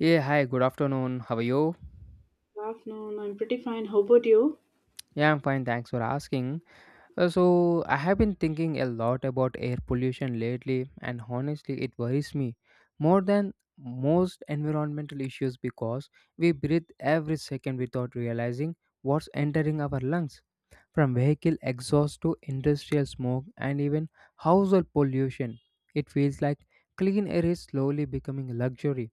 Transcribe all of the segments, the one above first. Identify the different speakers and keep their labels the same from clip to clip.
Speaker 1: Yeah, hi, good afternoon. How are you?
Speaker 2: Good afternoon. I'm pretty fine. How about you?
Speaker 1: Yeah, I'm fine, thanks for asking. I have been thinking a lot about air pollution lately, and honestly, it worries me more than most environmental issues because we breathe every second without realizing what's entering our lungs from vehicle exhaust to industrial smoke and even household pollution. It feels like clean air is slowly becoming a luxury.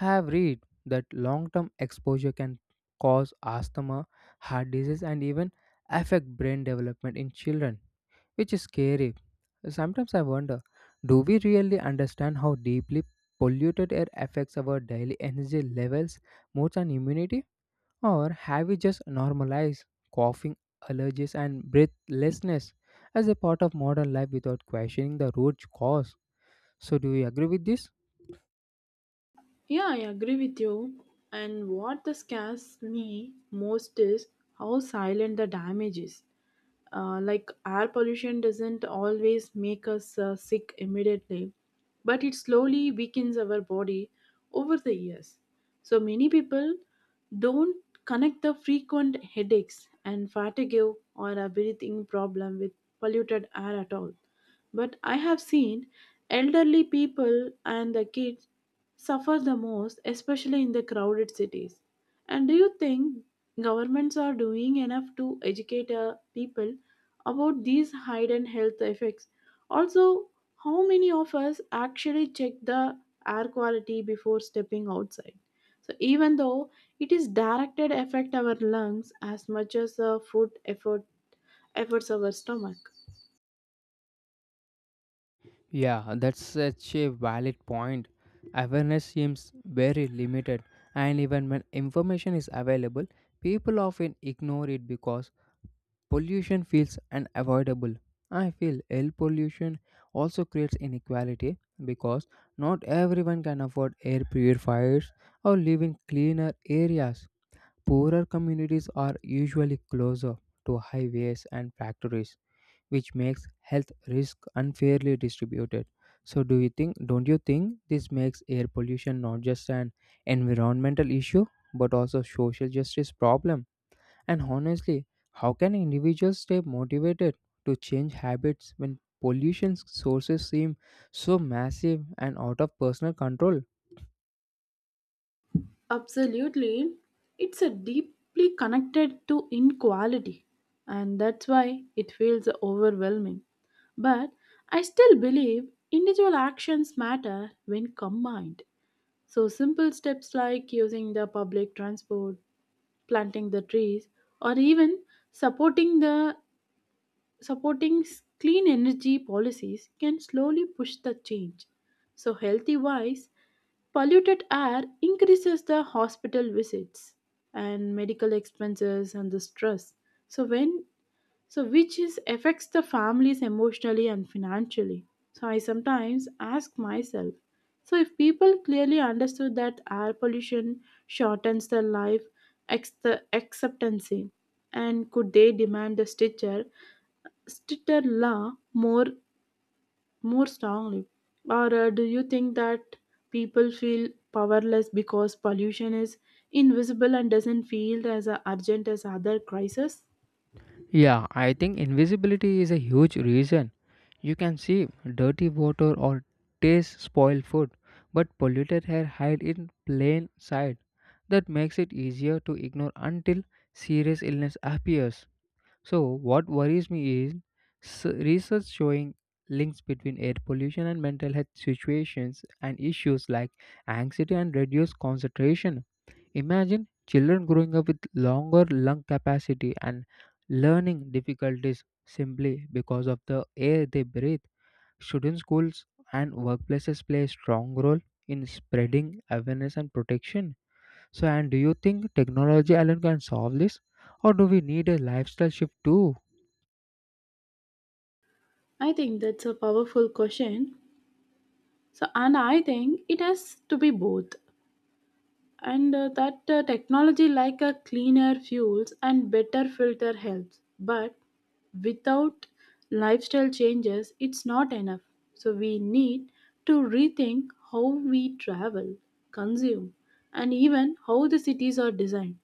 Speaker 1: I have read that long term exposure can cause asthma, heart disease, and even affect brain development in children, which is scary. Sometimes I wonder, do we really understand how deeply polluted air affects our daily energy levels, moods, and immunity? Or have we just normalized coughing, allergies, and breathlessness as a part of modern life without questioning the root cause? So, do you agree with this?
Speaker 2: Yeah, I agree with you. And what the scares me most is how silent the damage is. Like air pollution doesn't always make us sick immediately, but it slowly weakens our body over the years. So many people don't connect the frequent headaches and fatigue or a breathing problem with polluted air at all. But I have seen elderly people and the kids suffer the most, especially in the crowded cities. And do you think governments are doing enough to educate people about these hidden health effects? Also, how many of us actually check the air quality before stepping outside? So even though it is directed affect our lungs as much as the food effort efforts our stomach.
Speaker 1: Yeah, that's such a valid point. Awareness seems very limited, and even when information is available, people often ignore it because pollution feels unavoidable. I feel air pollution also creates inequality because not everyone can afford air purifiers or live in cleaner areas. Poorer communities are usually closer to highways and factories which makes health risk unfairly distributed. So do you think don't you think this makes air pollution not just an environmental issue but also social justice problem? And honestly, how can individuals stay motivated to change habits when pollution sources seem so massive and out of personal control?
Speaker 2: Absolutely. It's a deeply connected to inequality, and that's why it feels overwhelming. But I still believe individual actions matter when combined. So simple steps like using the public transport, planting the trees, or even supporting the supporting s- clean energy policies can slowly push the change. So, healthy wise, polluted air increases the hospital visits and medical expenses and the stress. So, when so which is affects the families emotionally and financially. So, I sometimes ask myself, so if people clearly understood that air pollution shortens their life the acceptancy, and could they demand a stitcher Stitterla more strongly? Or do you think that people feel powerless because pollution is invisible and doesn't feel as urgent as other crises?
Speaker 1: Yeah, I think invisibility is a huge reason. You can see dirty water or taste spoiled food, but polluted hair hide in plain sight. That makes it easier to ignore until serious illness appears. So, what worries me is research showing links between air pollution and mental health situations and issues like anxiety and reduced concentration. Imagine children growing up with longer lung capacity and learning difficulties simply because of the air they breathe. Shouldn't schools and workplaces play a strong role in spreading awareness and protection? So, and Do you think technology alone can solve this, or do we need a lifestyle shift too?
Speaker 2: I think that's a powerful question. So, and I think it has to be both. And that technology like a cleaner fuels and better filter helps, but without lifestyle changes it's not enough. So we need to rethink how we travel, consume, and even how the cities are designed.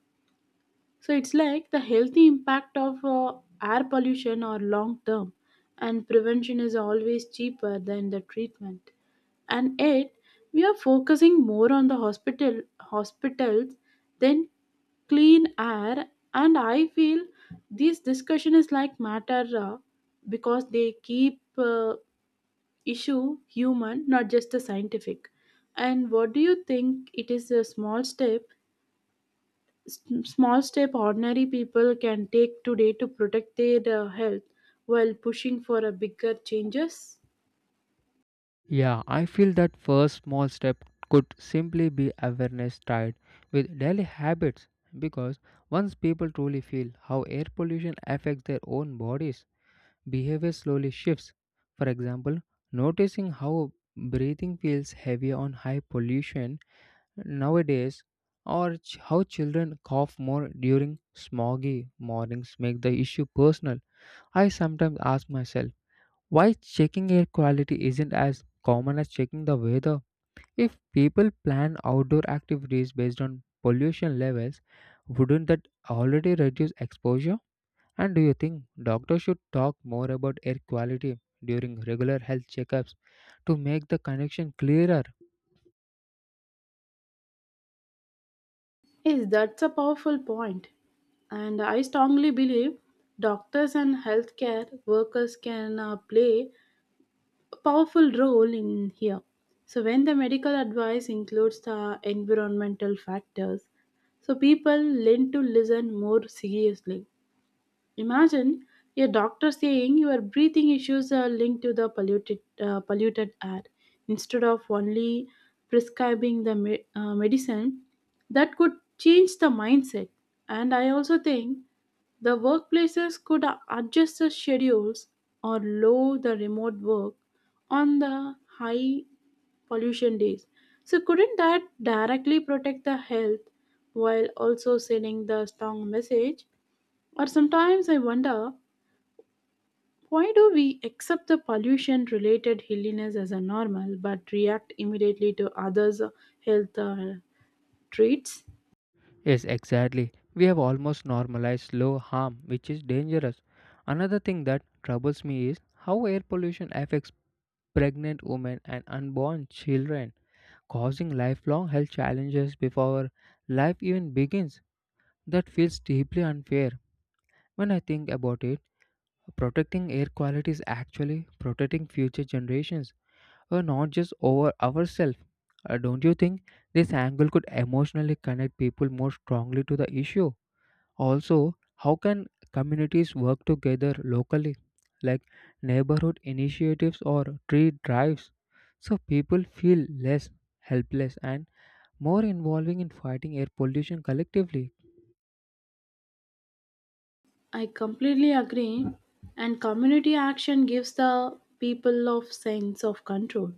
Speaker 2: So it's like the healthy impact of air pollution are long term, and prevention is always cheaper than the treatment. And yet, we are focusing more on the hospitals than clean air. And I feel this discussion is like matter because they keep issue human, not just the scientific. And what do you think? It is a small step s- small step ordinary people can take today to protect their health while pushing for a bigger changes.
Speaker 1: Yeah, I feel that first small step could simply be awareness tied with daily habits because once people truly feel how air pollution affects their own bodies, behavior slowly shifts. For example, noticing how breathing feels heavier on high pollution nowadays or how children cough more during smoggy mornings make the issue personal. I sometimes ask myself why checking air quality isn't as common as checking the weather? If people plan outdoor activities based on pollution levels, wouldn't that already reduce exposure? And do you think doctors should talk more about air quality during regular health checkups to make the connection clearer?
Speaker 2: Yes, that's a powerful point, and I strongly believe doctors and healthcare workers can play a powerful role in here. So when the medical advice includes the environmental factors, so people learn to listen more seriously. Imagine a doctor saying your breathing issues are linked to the polluted air instead of only prescribing the medicine. That could change the mindset. And I also think the workplaces could adjust the schedules or lower the remote work on the high pollution days. So, couldn't that directly protect the health while also sending the strong message? Or sometimes I wonder, why do we accept the pollution related illness as a normal but react immediately to others' health treats?
Speaker 1: Yes, exactly. We have almost normalized low harm, which is dangerous. Another thing that troubles me is how air pollution affects pregnant women and unborn children causing lifelong health challenges before life even begins. That feels deeply unfair. When I think about it, protecting air quality is actually protecting future generations, or not just over ourselves. Don't you think this angle could emotionally connect people more strongly to the issue? Also, how can communities work together locally, like neighborhood initiatives or tree drives, so people feel less helpless and more involving in fighting air pollution collectively.
Speaker 2: I completely agree, and community action gives the people of sense of control,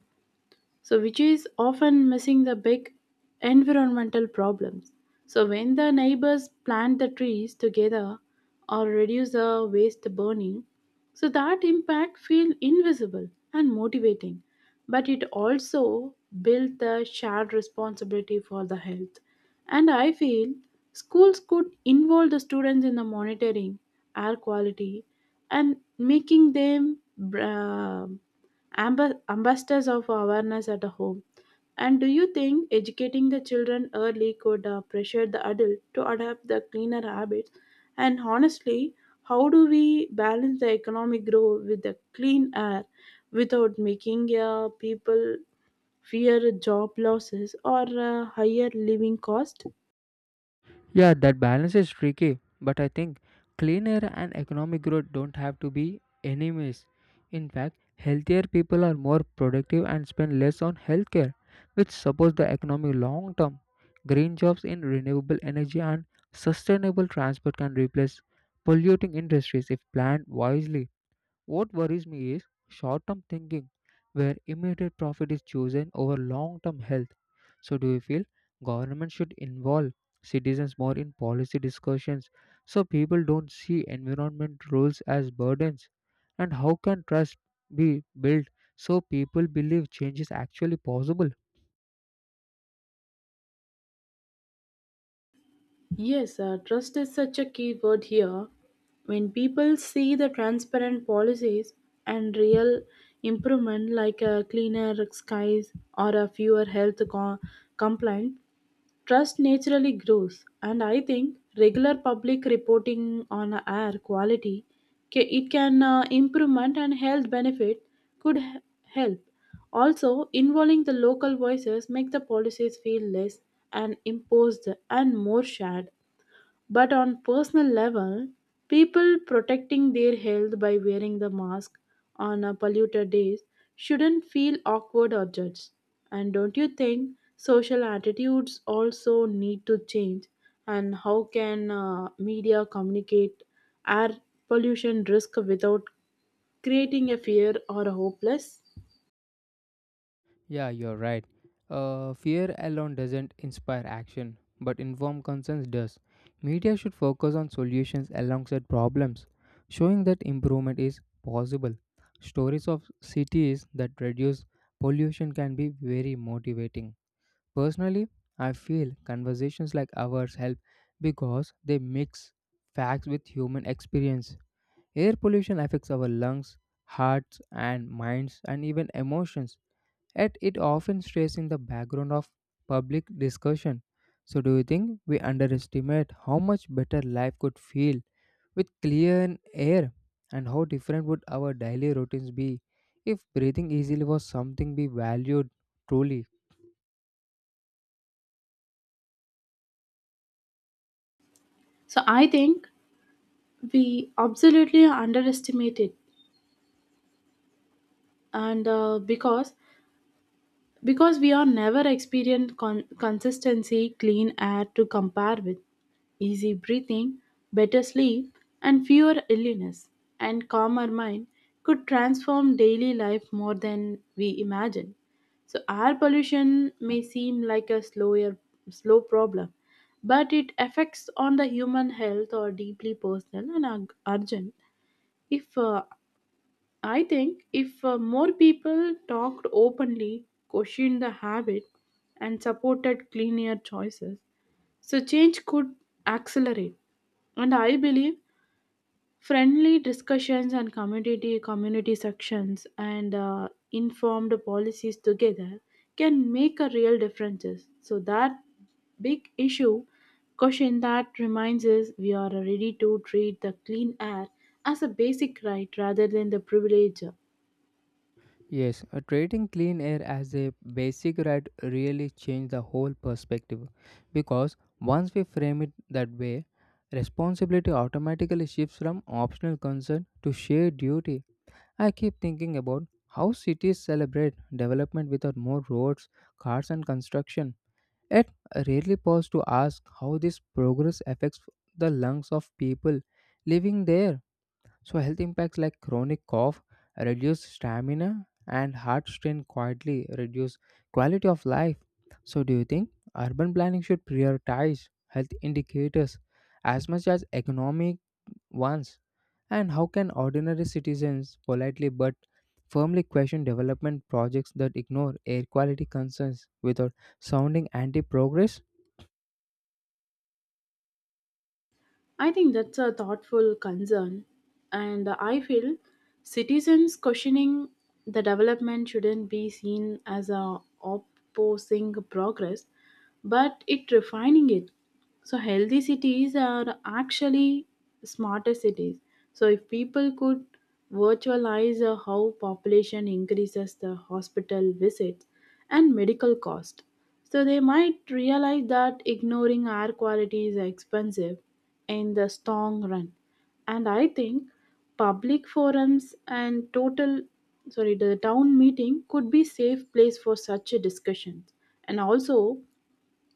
Speaker 2: so which is often missing the big environmental problems. So when the neighbors plant the trees together or reduce the waste burning, so that impact feel invisible and motivating, but it also build the shared responsibility for the health. And I feel schools could involve the students in the monitoring air quality and making them uh, ambassadors of awareness at home. And do you think educating the children early could pressure the adult to adopt the cleaner habits? And honestly, how do we balance the economic growth with the clean air without making people fear job losses or higher living cost?
Speaker 1: Yeah, that balance is tricky, but I think clean air and economic growth don't have to be enemies. In fact, healthier people are more productive and spend less on healthcare, which supports the economy long term. Green jobs in renewable energy and sustainable transport can replace polluting industries if planned wisely. What worries me is short term thinking, where immediate profit is chosen over long term health. So, do you feel government should involve citizens more in policy discussions so people don't see environment rules as burdens? And how can trust be built so people believe change is actually possible?
Speaker 2: Yes, trust is such a key word here. When people see the transparent policies and real improvement, like cleaner skies or a fewer health complaint, trust naturally grows. And I think regular public reporting on air quality, ca- it can improvement and health benefit could help. Also, involving the local voices make the policies feel less and imposed and more shared. But on personal level, people protecting their health by wearing the mask on a polluted days shouldn't feel awkward or judged. And don't you think social attitudes also need to change? And how can media communicate air pollution risk without creating a fear or a hopeless?
Speaker 1: Yeah, you're right. Fear alone doesn't inspire action, but informed consent does. Media should focus on solutions alongside problems, showing that improvement is possible. Stories of cities that reduce pollution can be very motivating. Personally, I feel conversations like ours help because they mix facts with human experience. Air pollution affects our lungs, hearts, and minds, and even emotions yet it often stays in the background of public discussion. So, do you think we underestimate how much better life could feel with clear air, and how different would our daily routines be if breathing easily was something we valued truly?
Speaker 2: So I think we absolutely underestimate it, and because we are never experienced consistency clean air to compare with. Easy breathing, better sleep, and fewer illness, and calmer mind could transform daily life more than we imagine. So air pollution may seem like a slow problem, but it affects on the human health or deeply personal and urgent. If uh, I think if uh, more people talked openly, questioned the habit, and supported cleaner choices, so change could accelerate. And I believe friendly discussions and community sections and informed policies together can make a real differences. So that big issue question that reminds us we are ready to treat the clean air as a basic right rather than the privilege.
Speaker 1: Yes, treating clean air as a basic right really changed the whole perspective because once we frame it that way, responsibility automatically shifts from optional concern to shared duty. I keep thinking about how cities celebrate development without more roads, cars, and construction. Yet, I rarely pause to ask how this progress affects the lungs of people living there. So, health impacts like chronic cough, reduced stamina, and heart strain quietly reduce quality of life. So, do you think urban planning should prioritize health indicators as much as economic once? And how can ordinary citizens politely but firmly question development projects that ignore air quality concerns without sounding anti progress?
Speaker 2: I think that's a thoughtful concern, and I feel citizens questioning the development shouldn't be seen as a opposing progress, but it refining it. So healthy cities are actually smarter cities. So if people could virtualize how population increases the hospital visits and medical cost, so they might realize that ignoring air quality is expensive in the strong run. And I think public forums and total sorry the town meeting could be safe place for such a discussion. And also,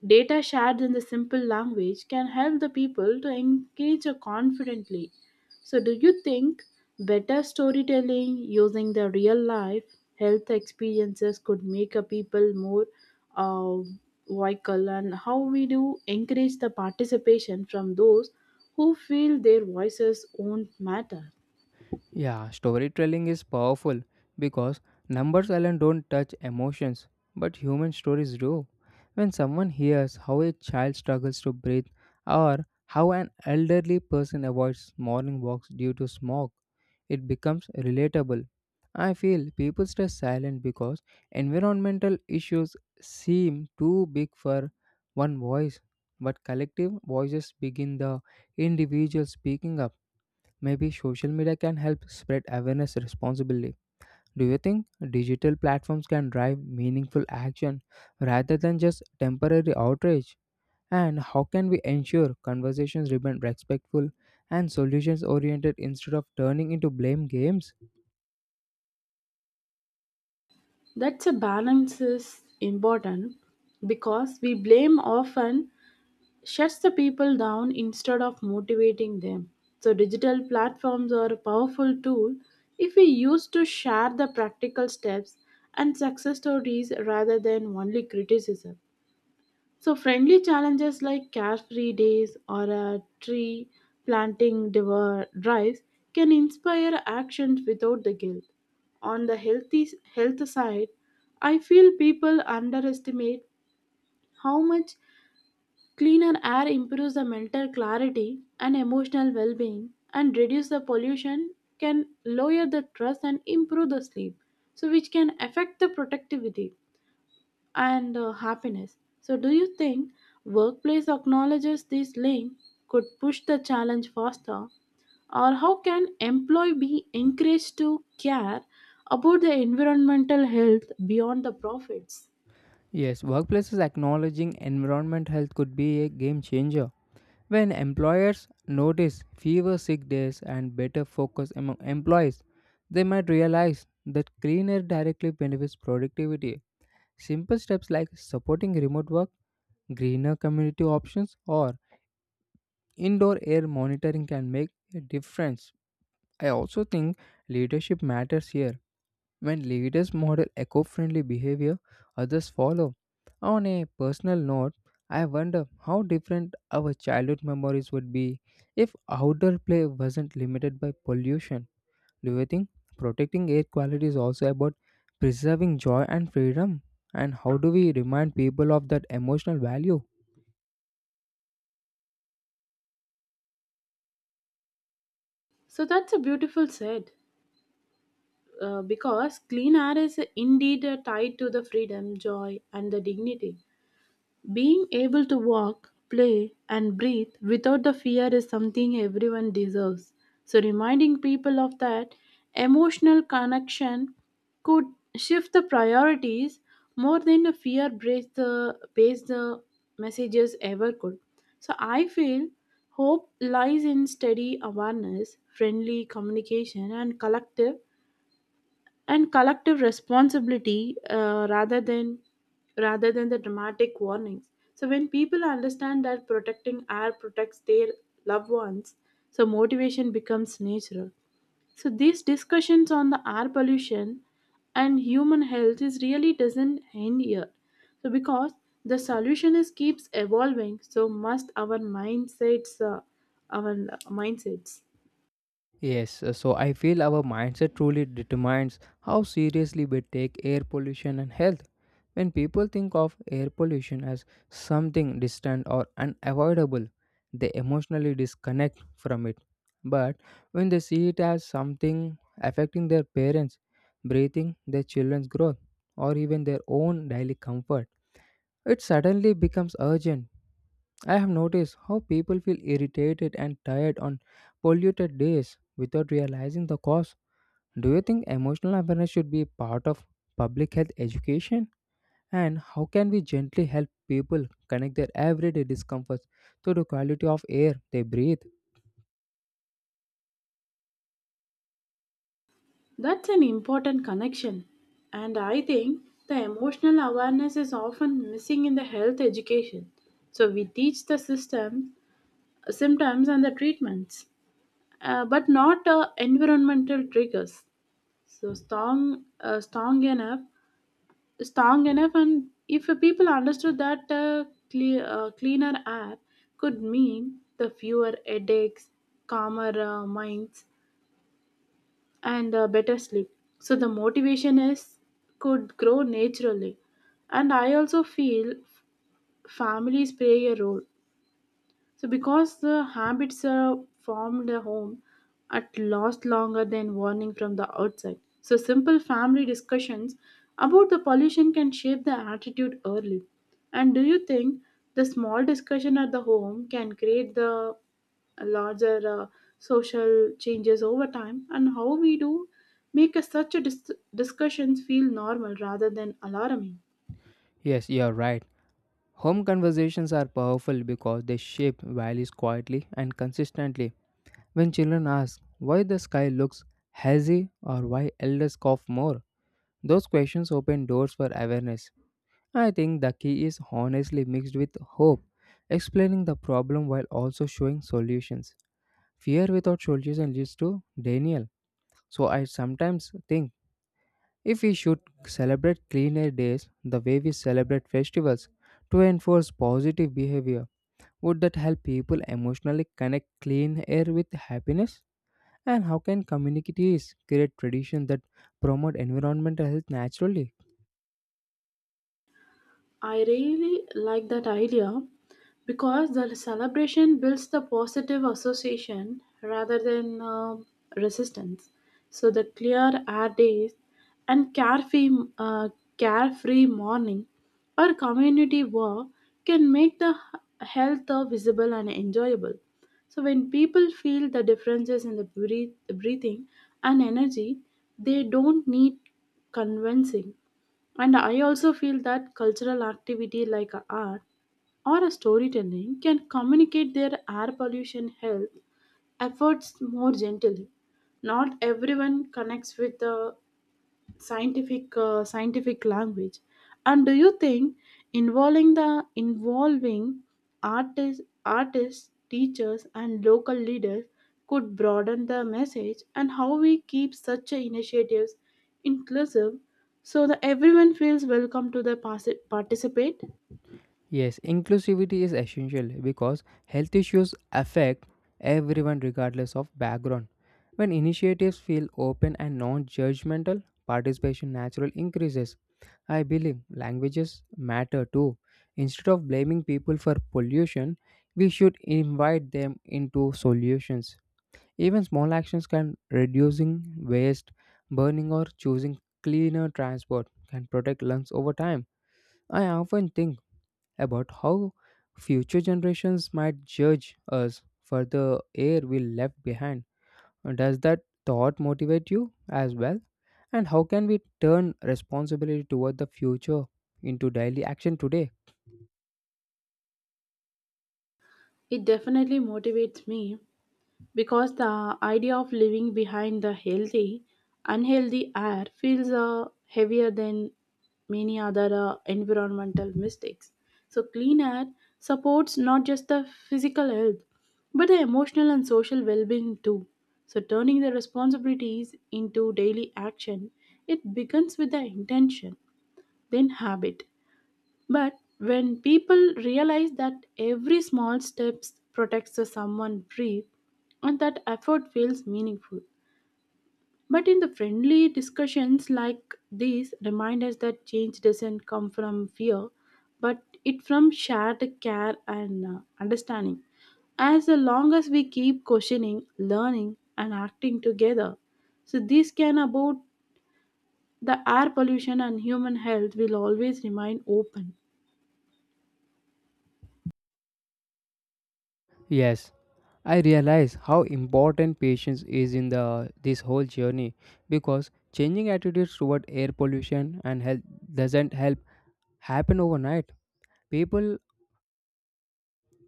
Speaker 2: data shared in the simple language can help the people to engage confidently. So, do you think better storytelling using the real life health experiences could make a people more uh, vocal? And how we do encourage the participation from those who feel their voices won't matter?
Speaker 1: Yeah, storytelling is powerful because numbers alone don't touch emotions, but human stories do. When someone hears how a child struggles to breathe or how an elderly person avoids morning walks due to smog, it becomes relatable. I feel people stay silent because environmental issues seem too big for one voice, but collective voices begin the individual speaking up. Maybe social media can help spread awareness responsibly. Do you think digital platforms can drive meaningful action rather than just temporary outrage? And how can we ensure conversations remain respectful and solutions oriented instead of turning into blame games?
Speaker 2: That's a balance is important because we blame often shuts the people down instead of motivating them. So, digital platforms are a powerful tool if we use to share the practical steps and success stories rather than only criticism. So, friendly challenges like carefree days or a tree planting drives can inspire actions without the guilt. On the healthy health side, I feel people underestimate how much cleaner air improves the mental clarity and emotional well being, and reduce the pollution, can lower the stress and improve the sleep, so which can affect the productivity and happiness. So, do you think workplace acknowledges this link could push the challenge faster? Or how can employee be encouraged to care about the environmental health beyond the profits?
Speaker 1: Yes, workplaces acknowledging environment health could be a game changer. When employers notice fewer sick days and better focus among employees, they might realize that clean air directly benefits productivity. Simple steps like supporting remote work, greener community options, or indoor air monitoring can make a difference. I also think leadership matters here. When leaders model eco friendly behavior, others follow. On a personal note, I wonder how different our childhood memories would be if outdoor play wasn't limited by pollution. Do you think protecting air quality is also about preserving joy and freedom? And how do we remind people of that emotional value?
Speaker 2: So that's a beautiful said. Because clean air is indeed tied to the freedom, joy, and the dignity. Being able to walk, play, and breathe without the fear is something everyone deserves. So, reminding people of that emotional connection could shift the priorities more than a based the messages ever could. So, I feel hope lies in steady awareness, friendly communication, and collective responsibility rather than the dramatic warnings. So when people understand that protecting air protects their loved ones, so motivation becomes natural. So these discussions on the air pollution and human health is really doesn't end here, so because the solution is keeps evolving so must our our mindsets.
Speaker 1: Yes, so, I feel our mindset truly determines how seriously we take air pollution and health. When people think of air pollution as something distant or unavoidable, they emotionally disconnect from it. But when they see it as something affecting their parents, breathing, their children's growth, or even their own daily comfort, it suddenly becomes urgent. I have noticed how people feel irritated and tired on polluted days without realizing the cause. Do you think emotional awareness should be part of public health education? And how can we gently help people connect their everyday discomforts to the quality of air they breathe?
Speaker 2: That's an important connection. And I think the emotional awareness is often missing in the health education. So we teach the system, symptoms, and the treatments, but not environmental triggers. So strong, uh, strong enough, Strong enough, and if people understood that cleaner air could mean the fewer headaches, calmer minds, and better sleep. So the motivation is could grow naturally. And I also feel families play a role. So, because the habits are formed at home at last longer than warning from the outside. So, simple family discussions about the pollution can shape the attitude early. And do you think the small discussion at the home can create the larger social changes over time? And how we do make a, such a discussions feel normal rather than alarming?
Speaker 1: Yes, you are right. Home conversations are powerful because they shape values quietly and consistently. When children ask why the sky looks hazy or why elders cough more, those questions open doors for awareness. I think the key is honestly mixed with hope, explaining the problem while also showing solutions. Fear without solution leads to denial. So I sometimes think if we should celebrate clean air days the way we celebrate festivals to enforce positive behavior, would that help people emotionally connect clean air with happiness? And how can communities create traditions that promote environmental health naturally?
Speaker 2: I really like that idea because the celebration builds the positive association rather than resistance. So the clear air days and uh, carefree morning or community work can make the health visible and enjoyable. So when people feel the differences in the breathing and energy, they don't need convincing. And I also feel that cultural activity like a art or a storytelling can communicate their air pollution health efforts more gently. Not everyone connects with the scientific language. And do you think involving artists, teachers, and local leaders could broaden the message? And how we keep such a initiatives inclusive so that everyone feels welcome to the participate?
Speaker 1: Yes, inclusivity is essential because health issues affect everyone regardless of background. When initiatives feel open and non judgmental, participation naturally increases. I believe languages matter too. Instead of blaming people for pollution, we should invite them into solutions. Even small actions can reducing waste, burning or choosing cleaner transport can protect lungs over time. I often think about how future generations might judge us for the air we left behind. Does that thought motivate you as well? And how can we turn responsibility toward the future into daily action today?
Speaker 2: It definitely motivates me because the idea of living behind the unhealthy air feels heavier than many other environmental mistakes. So, clean air supports not just the physical health but the emotional and social well being too. So, turning the responsibilities into daily action, it begins with the intention, then habit. But when people realize that every small step protects the someone brief, and that effort feels meaningful. But in the friendly discussions like these, remind us that change doesn't come from fear, but it from shared care and understanding. As long as we keep questioning, learning, and acting together, so this can about the air pollution and human health will always remain open.
Speaker 1: Yes, I realize how important patience is in the this whole journey because changing attitudes toward air pollution and health doesn't help happen overnight. People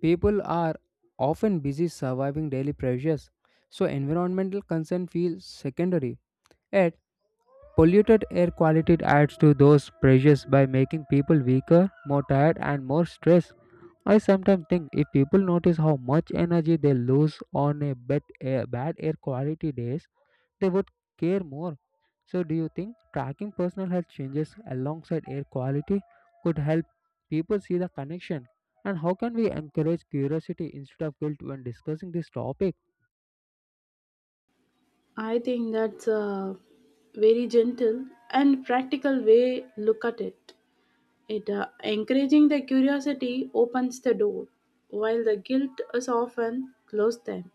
Speaker 1: People are often busy surviving daily pressures, so environmental concern feels secondary. Yet, polluted air quality adds to those pressures by making people weaker, more tired, and more stressed. I sometimes think if people notice how much energy they lose on a bad air quality days, they would care more. So, do you think tracking personal health changes alongside air quality could help people see the connection? And how can we encourage curiosity instead of guilt when discussing this topic?
Speaker 2: I think that's a very gentle and practical way look at it. It encouraging the curiosity opens the door, while the guilt is often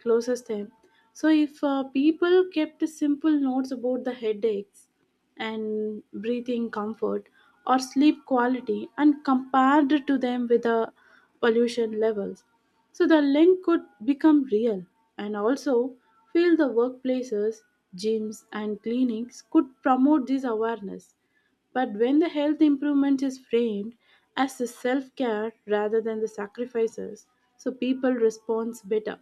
Speaker 2: closes them. So if people kept simple notes about the headaches and breathing comfort or sleep quality and compared to them with the pollution levels, so the link could become real. And also feel the workplaces, gyms and clinics could promote this awareness, but when the health improvement is framed as the self care rather than the sacrifices, so people respond better.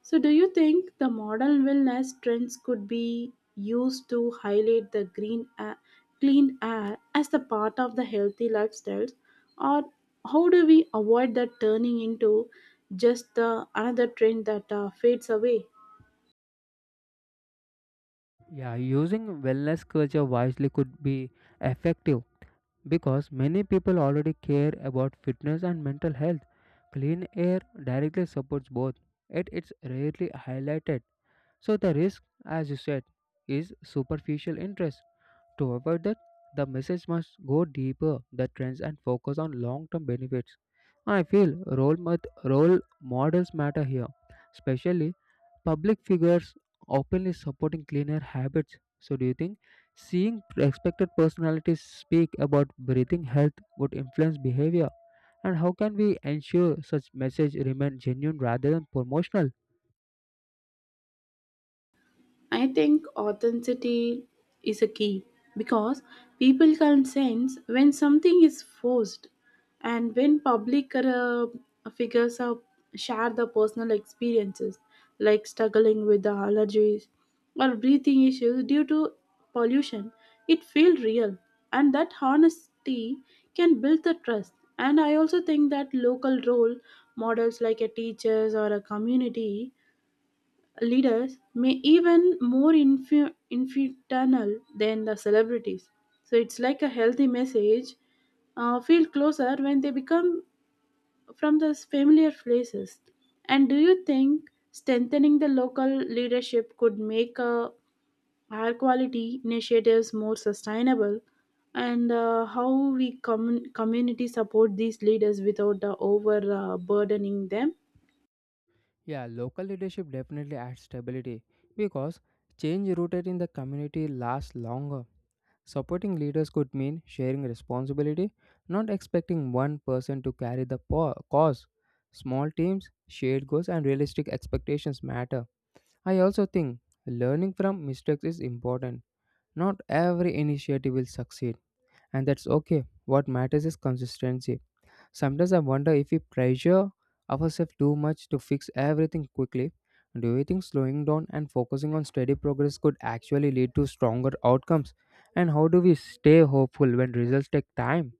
Speaker 2: So, do you think the modern wellness trends could be used to highlight the green air, clean air as the part of the healthy lifestyles, or how do we avoid that turning into just another trend that fades away?
Speaker 1: Yeah, using wellness culture wisely could be effective because many people already care about fitness and mental health. Clean air directly supports both, yet it's rarely highlighted. So, the risk, as you said, is superficial interest. To avoid that, the message must go deeper the trends and focus on long-term benefits. I feel role models matter here, especially public figures openly supporting cleaner habits. So, do you think seeing respected personalities speak about breathing health would influence behavior? And how can we ensure such message remain genuine rather than promotional?
Speaker 2: I think authenticity is a key because people can sense when something is forced. And when public figures share the personal experiences like struggling with the allergies or breathing issues due to pollution, it feels real, and that honesty can build the trust. And I also think that local role models like a teachers or a community leaders may even more infernal than the celebrities. So it's like a healthy message feel closer when they become from those familiar places. And do you think strengthening the local leadership could make higher quality initiatives more sustainable? And how we community support these leaders without overburdening them?
Speaker 1: Yeah, local leadership definitely adds stability because change rooted in the community lasts longer. Supporting leaders could mean sharing responsibility, not expecting one person to carry the cause. Small teams, shared goals, and realistic expectations matter. I also think learning from mistakes is important. Not every initiative will succeed, and that's okay. What matters is consistency. Sometimes I wonder if we pressure ourselves too much to fix everything quickly. Do you think slowing down and focusing on steady progress could actually lead to stronger outcomes? And how do we stay hopeful when results take time?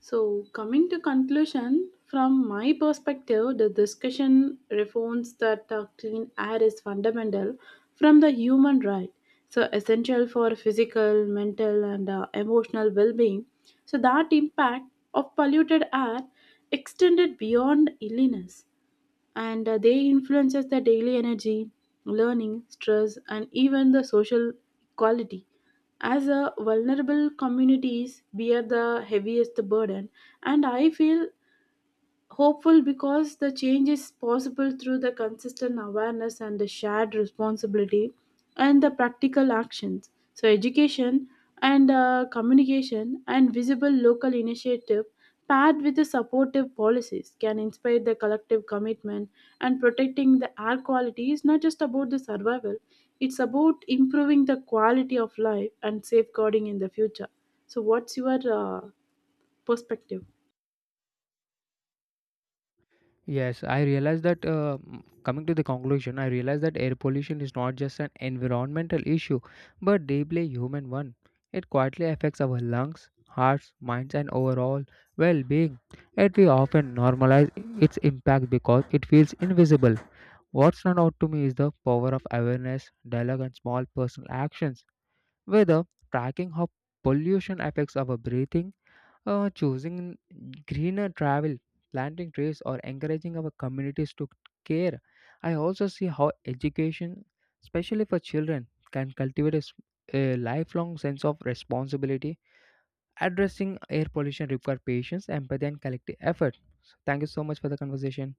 Speaker 2: So, coming to conclusion, from my perspective, the discussion reforms that clean air is fundamental from the human right, so essential for physical, mental, and emotional well-being. So that impact of polluted air extended beyond illness, and they influences the daily energy, learning, stress, and even the social quality, as a vulnerable communities bear the heaviest burden. And I feel hopeful because the change is possible through the consistent awareness and the shared responsibility and the practical actions. So education and communication and visible local initiative, paired with the supportive policies, can inspire the collective commitment. And protecting the air quality is not just about the survival, it's about improving the quality of life and safeguarding in the future. So what's your perspective?
Speaker 1: Yes, I realize that m- Coming to the conclusion, I realize that air pollution is not just an environmental issue, but deeply human one. It quietly affects our lungs, hearts, minds, and overall well-being. Yet we often normalize its impact because it feels invisible. What stands out to me is the power of awareness, dialogue, and small personal actions. Whether tracking how pollution affects our breathing, choosing greener travel, planting trees, or encouraging our communities to care. I also see how education, especially for children, can cultivate a lifelong sense of responsibility. Addressing air pollution requires patience, empathy, and collective effort. So thank you so much for the conversation.